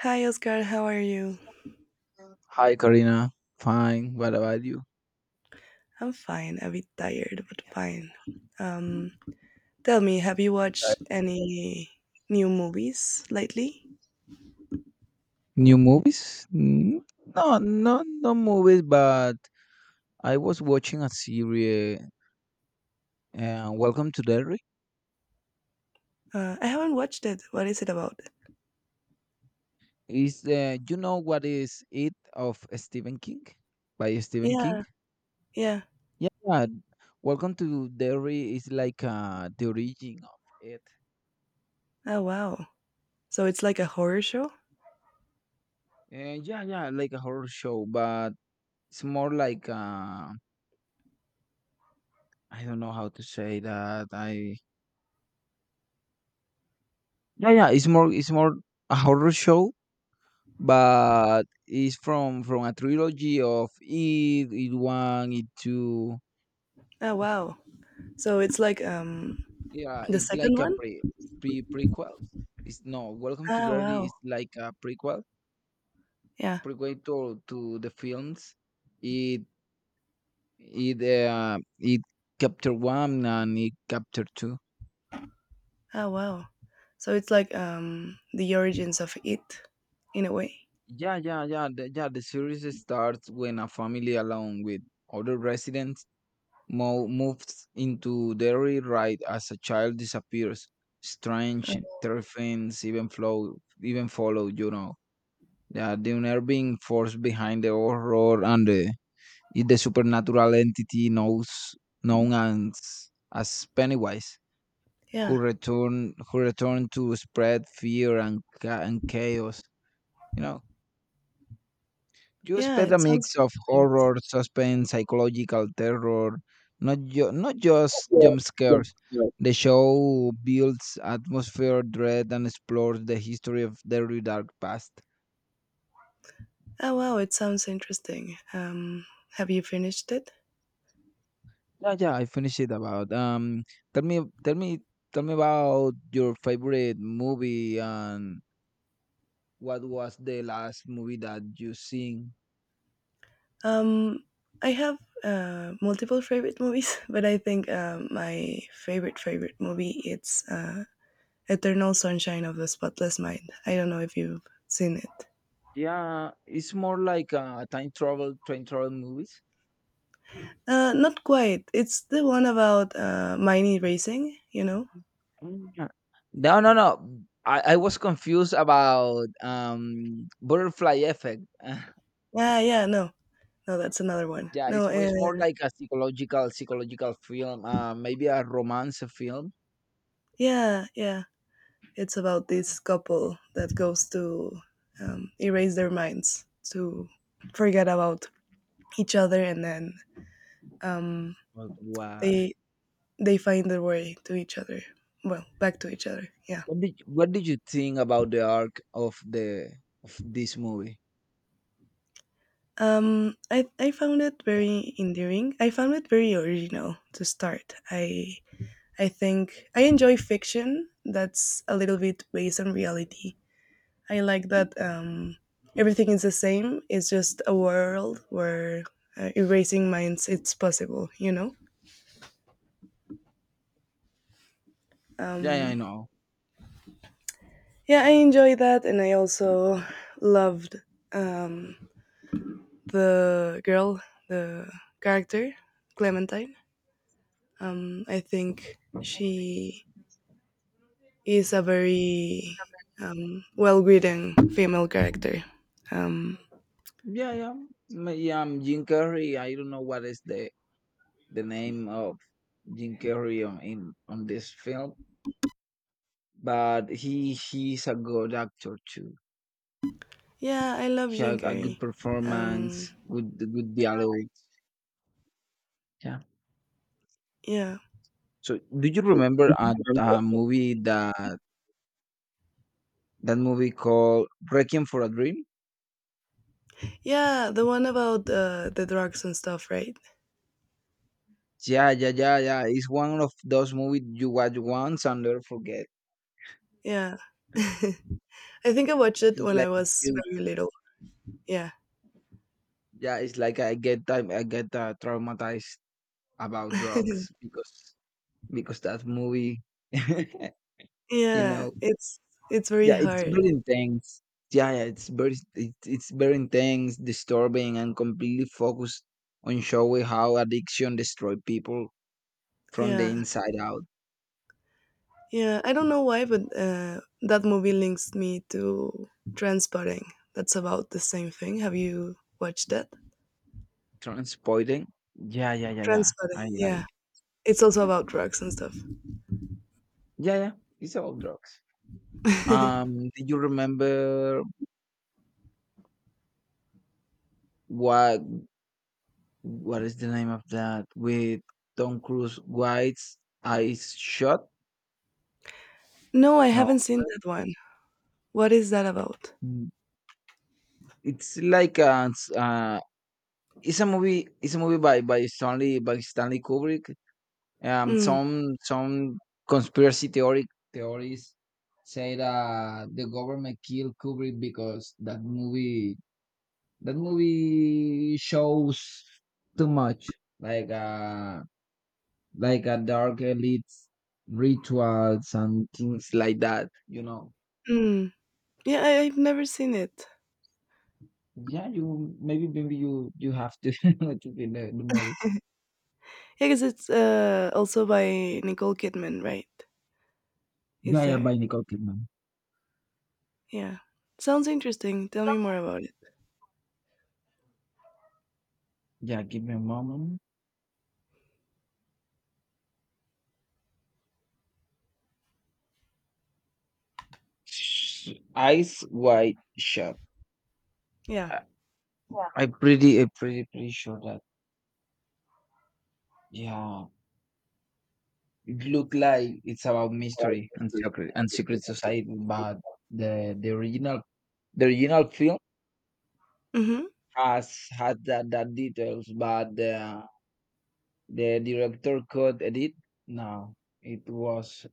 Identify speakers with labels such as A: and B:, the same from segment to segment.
A: Hi, Oscar. How are you?
B: Hi, Karina. Fine. What about you?
A: I'm fine. A bit tired, but fine. Um, Tell me, have you
B: And, uh,
A: watched any new movies lately?
B: New movies? No, no, no movies. But I was watching a series. Welcome to Derry.
A: I haven't watched it. What is it about?
B: Is you know what is it of Stephen King? By Stephen King.
A: Yeah, yeah.
B: Yeah. Welcome to Derry is like the origin of it.
A: Oh, wow. So it's like a horror show?
B: Yeah, yeah, like a horror show, but it's more like I don't know how to say that. I Yeah, yeah. It's more. It's more a horror show but it's from a trilogy of It, It One, It Two.
A: Oh, wow. So it's like
B: Yeah,
A: the
B: it's
A: second
B: like a
A: one?
B: prequel. It's no, Welcome to
A: Ah,
B: Derry
A: wow.
B: is like a prequel
A: Yeah.
B: prequel to the films. It it it chapter one and it chapter two.
A: Oh wow. So it's like the origins of it in a way.
B: Yeah. The series starts when a family along with other residents Mo moves into dairy right as a child disappears. Strange terrapins even follow, Yeah, the unnerving force behind the horror and the is the supernatural entity knows known as Pennywise,
A: Yeah.
B: who return to spread fear and chaos. You know, You
A: Yeah,
B: spent a
A: it sounds
B: mix of
A: interesting.
B: horror, suspense, psychological terror, not just jump scares. The show builds atmosphere, dread, and explores the history of the very dark past.
A: Oh wow, it sounds interesting. Have you finished it?
B: Yeah, yeah, I finished it about. Tell me, tell me, tell me about your favorite movie and what was the last movie that you seen?
A: Um I have multiple favorite movies, but I think my favorite favorite movie it's Eternal Sunshine of the Spotless Mind. I don't know if you've seen it.
B: Yeah, it's more like a time travel, train travel movie.
A: Not quite. It's the one about miney racing, you know?
B: Mm, uh, No, no, no. I was confused about butterfly effect.
A: Yeah, yeah, no. No, that's another one.
B: Yeah,
A: No.
B: it's it's more like a psychological film, maybe a romance film.
A: Yeah, yeah. It's about this couple that goes to erase their minds to forget about each other, and then um,
B: But why?
A: they they find their way to each other. Well, back to each other. Yeah.
B: What did you think about the arc of the of this movie?
A: I found it
B: Yeah,
A: very endearing. I found it very original to start. I think I enjoy fiction that's a little bit based on reality. I like that, everything is the same. It's just a world where erasing minds it's possible.
B: yeah, yeah, I
A: Um,
B: know.
A: yeah, I enjoy that, and I also loved, um, the girl, the character Clementine. I think she is a very, well-written female character. Um,
B: Yeah, yeah, Jim Carrey. I don't know what is the name of Jim Carrey on this film, but he's a good actor too.
A: yeah, I love
B: Yeah,
A: Jim
B: a good
A: Carrey. Um,
B: performance, good dialogue. Yeah.
A: yeah.
B: So, do you remember a movie that movie called Requiem for a Dream?
A: Yeah, the one about the drugs and stuff, right?
B: Yeah, yeah, yeah, yeah. It's one of those movies you watch once and never forget.
A: Yeah. I think I watched it
B: It's
A: when
B: like
A: I was
B: you-
A: very little. Yeah.
B: yeah, it's like I get traumatized about drugs because that movie, you
A: Yeah,
B: know.
A: it's very
B: Yeah, it's
A: hard.
B: very intense. Yeah, yeah, it's very intense, disturbing, and completely focused on showing how addiction destroy people from the
A: Yeah.
B: inside out.
A: Yeah, I don't know why, but that movie links me to Transpotting. That's about the same thing. Have you watched that?
B: Transporting. Yeah, yeah, yeah, yeah. I,
A: Transpotting,
B: I,
A: yeah. It's also about drugs and stuff.
B: yeah, yeah. It's all drugs. Do you remember what what is the name of that with Tom Cruise? White's eyes shut?
A: No, I
B: No,
A: haven't seen that one. What is that about?
B: Mm, it's like uh, it's a movie by Stanley Kubrick. Um,
A: Mm.
B: some some conspiracy theory theories say that the government killed Kubrick because that movie shows too much, like uh like a dark elite rituals and things like that. You know.
A: Mm. Yeah, I've never seen it.
B: Yeah, you maybe maybe you you have to to be the movie.
A: Yeah, 'cause it's also by Nicole Kidman, right? Is
B: Yeah, yeah,
A: there?
B: by Nicole Kidman.
A: Yeah. Sounds interesting. Tell me more about it.
B: Yeah, give me a moment. Eyes wide shut.
A: Yeah.
B: I- Yeah. I'm pretty sure that yeah, it looked like it's about mystery and secret society, but the original film
A: Mm-hmm.
B: has had that, that details, but the director could edit. No, it was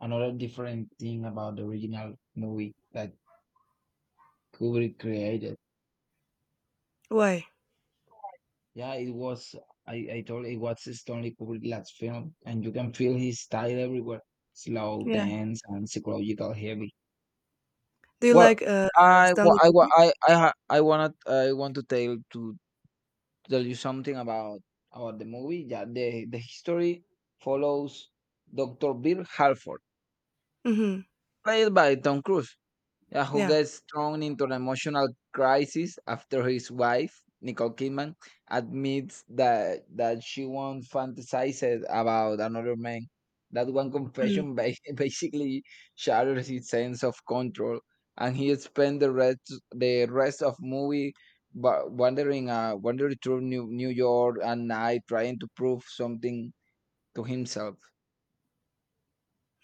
B: another different thing about the original movie that Kubrick created.
A: Why?
B: Yeah, it was. I told it was Stanley Kubrick's last film, and you can feel his style everywhere. Slow,
A: Yeah.
B: dense, and psychological heavy.
A: Do you like
B: Well, I wa-
A: Stanley
B: I wa-
A: Kubrick?
B: I ha- I wanna I want to tell you something about the movie. Yeah, the history follows Dr. Bill Halford,
A: Mm-hmm.
B: played by Tom Cruise. Yeah, who
A: Yeah.
B: gets thrown into an emotional crisis after his wife, Nicole Kidman, admits that she once fantasized about another man. That one
A: Mm-hmm.
B: confession ba- basically shatters his sense of control, and he spends the rest of movie wandering through New York at night trying to prove something to himself.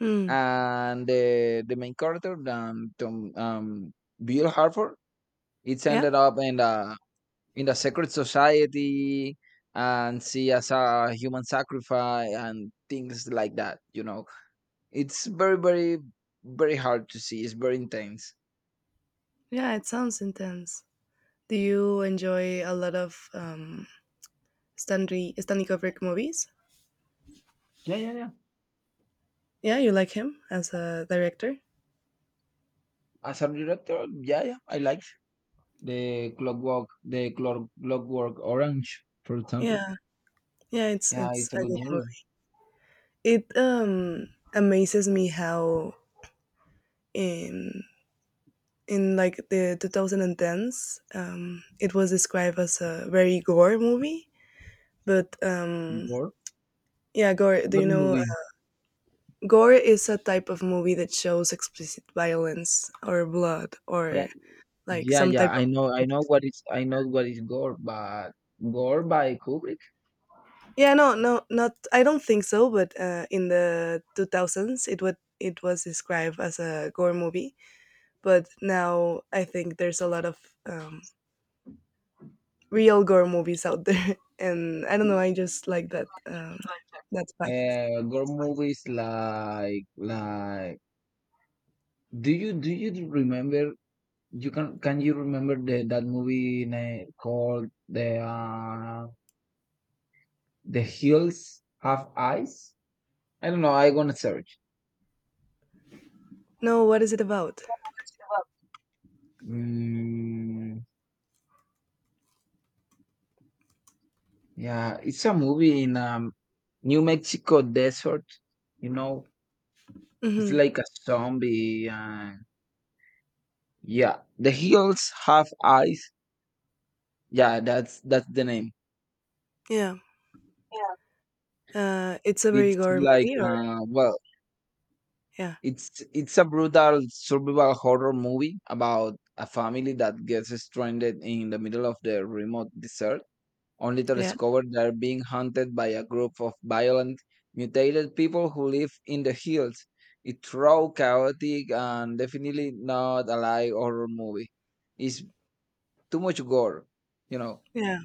A: Mm.
B: And the main character, Tom, Bill Harford it's
A: Yeah.
B: ended up in the secret society and see as a human sacrifice and things like that. You know, it's very hard to see. It's very intense.
A: Yeah, it sounds intense. Do you enjoy a lot of Stanley Kubrick movies?
B: Yeah, yeah, yeah.
A: Yeah, you like him as a director?
B: As a director, yeah, yeah, I liked the Clockwork Orange, for example.
A: Yeah. Yeah, it's
B: Yeah,
A: it's
B: it's a
A: a
B: good
A: good
B: movie.
A: movie. It amazes me how in in like the 2010s, it was described as a very gore movie, but
B: Gore,
A: yeah, gore. Do
B: what
A: you know,
B: movie?
A: gore is a type of movie that shows explicit violence, or blood,
B: Yeah,
A: or like
B: yeah,
A: some
B: yeah.
A: type
B: I know,
A: of,
B: I know what is, I know what is gore, but gore by Kubrick.
A: yeah, no, no, not, I don't think so, but in the 2000s it was described as a gore movie, but now I think there's a lot of, um, real gore movies out there, and I don't know, I just like that fact.
B: Gore movies like do you remember you can you remember the that movie name called the hills have eyes? I don't know. I gonna search.
A: No, what is it about?
B: Mm, yeah, it's a movie in New Mexico desert. You know, it's
A: Hmm.
B: like a zombie. Yeah, the hills have eyes. Yeah, that's the name.
A: Yeah, it's a very
B: It's
A: gore
B: like
A: movie, or
B: well,
A: yeah,
B: It's a brutal survival horror movie about a family that gets stranded in the middle of the remote desert, only to
A: yeah,
B: discover they're being hunted by a group of violent, mutated people who live in the hills. It's raw, chaotic, and definitely not a light horror movie. It's too much gore, you know.
A: yeah,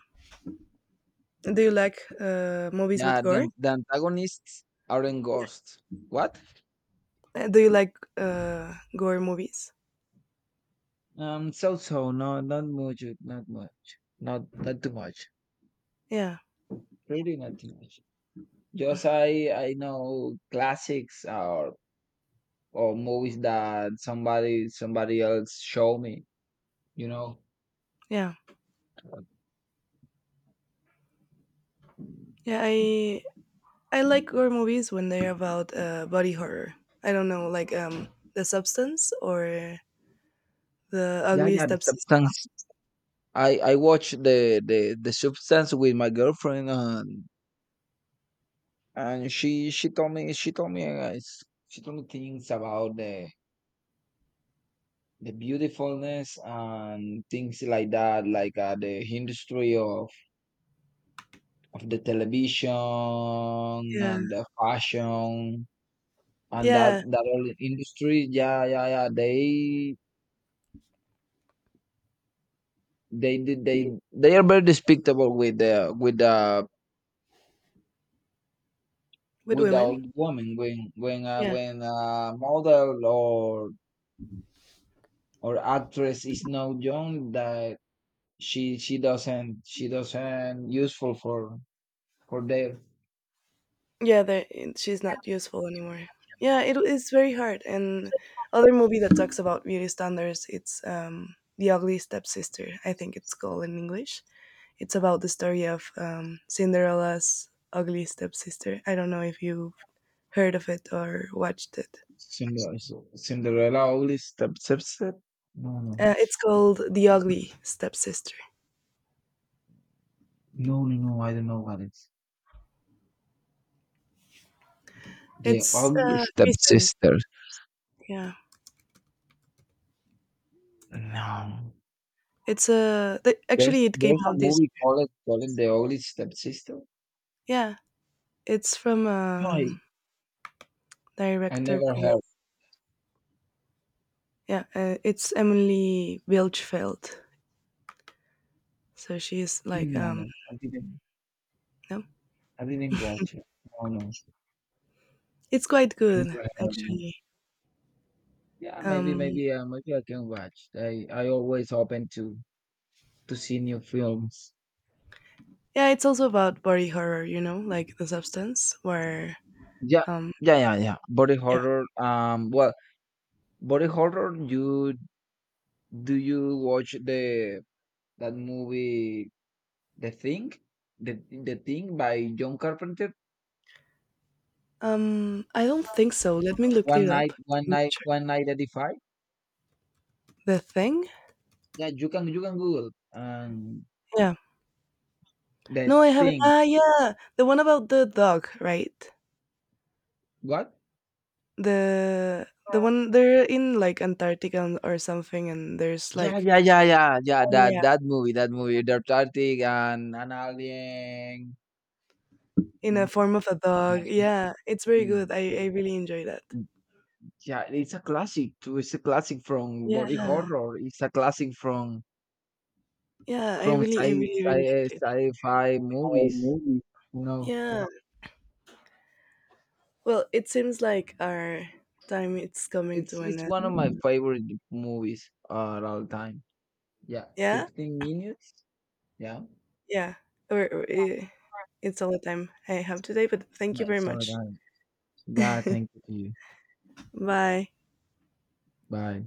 A: do you like movies with
B: Yeah, the,
A: gore?
B: an- the antagonists aren't ghosts. What?
A: Do you like gore movies?
B: No, not much, not not too much.
A: Yeah,
B: Really nothing much. Just I know classics or movies that somebody else show me, you know.
A: yeah, yeah, I like gore movies when they're about body horror. I don't know, like, The Substance or The
B: Yeah,
A: Ugly
B: yeah, the
A: Stepsister.
B: substance. I watched the substance with my girlfriend and and she told me she told me things about the beautifulness and things like that, like the industry of the television and
A: Yeah,
B: the fashion and that
A: yeah.
B: that all industry yeah yeah yeah they they are very despicable with the with the
A: With
B: with the
A: women,
B: old woman
A: yeah.
B: when a model or actress is not young that she doesn't useful for their
A: Yeah, they, she's not useful anymore. Yeah, it is very hard. And other movie that talks about beauty standards, it's, The Ugly Stepsister. I think it's called in English. It's about the story of, Cinderella's ugly stepsister. I don't know if you've heard of it or watched it.
B: Cinderella only step no no
A: It's called The Ugly Stepsister.
B: no no no I don't know what it's the
A: It's,
B: only step
A: recent.
B: sister
A: Yeah,
B: no There's
A: actually, it came
B: there's a
A: out this.
B: movie called The Ugly Stepsister.
A: Yeah, it's from
B: No, I,
A: a
B: I
A: director
B: never heard.
A: called. Yeah, it's Emily Welchfeld. So she's like,
B: No, no, I didn't.
A: no,
B: I didn't watch it. No, no,
A: it's quite
B: I
A: good
B: never heard. No.
A: actually.
B: Yeah,
A: Um,
B: maybe I can watch. I always open to see new films.
A: yeah, it's also about body horror, like the substance where,
B: Yeah,
A: um,
B: yeah, yeah, yeah. Body
A: yeah,
B: horror. Well, body horror. You do you watch the that movie The Thing, the Thing by John Carpenter?
A: I don't think so. Let me look it up. I'm not sure.
B: One night at the
A: The thing?
B: Yeah, you can Google
A: Yeah.
B: the
A: No, I haven't.
B: thing.
A: Ah, yeah, the one about the dog, right?
B: What?
A: The one they're in, like, Antarctica and- or something, and there's
B: Yeah,
A: like,
B: yeah, yeah, yeah, yeah. That movie, that movie, the Tartic and an alien.
A: in a
B: Mm,
A: form of a dog.
B: mm,
A: Yeah, it's very
B: mm,
A: good. I really enjoy that.
B: mm. Yeah, it's a classic too. It's a classic from body
A: Yeah.
B: horror. It's a classic from
A: Yeah, I
B: from
A: really I
B: sci
A: really really
B: sci
A: liked it.
B: sci-fi
A: Or
B: movies.
A: maybe.
B: You know,
A: Yeah. Well, it seems like our time it's coming to an
B: it's one of my
A: end.
B: favorite movies at all time. Yeah,
A: Yeah?
B: 15 minutes. Yeah,
A: Yeah. Or, it's all the time I have today, but thank you very
B: that's all
A: much.
B: right. Yeah, thank you to you.
A: Bye.
B: Bye.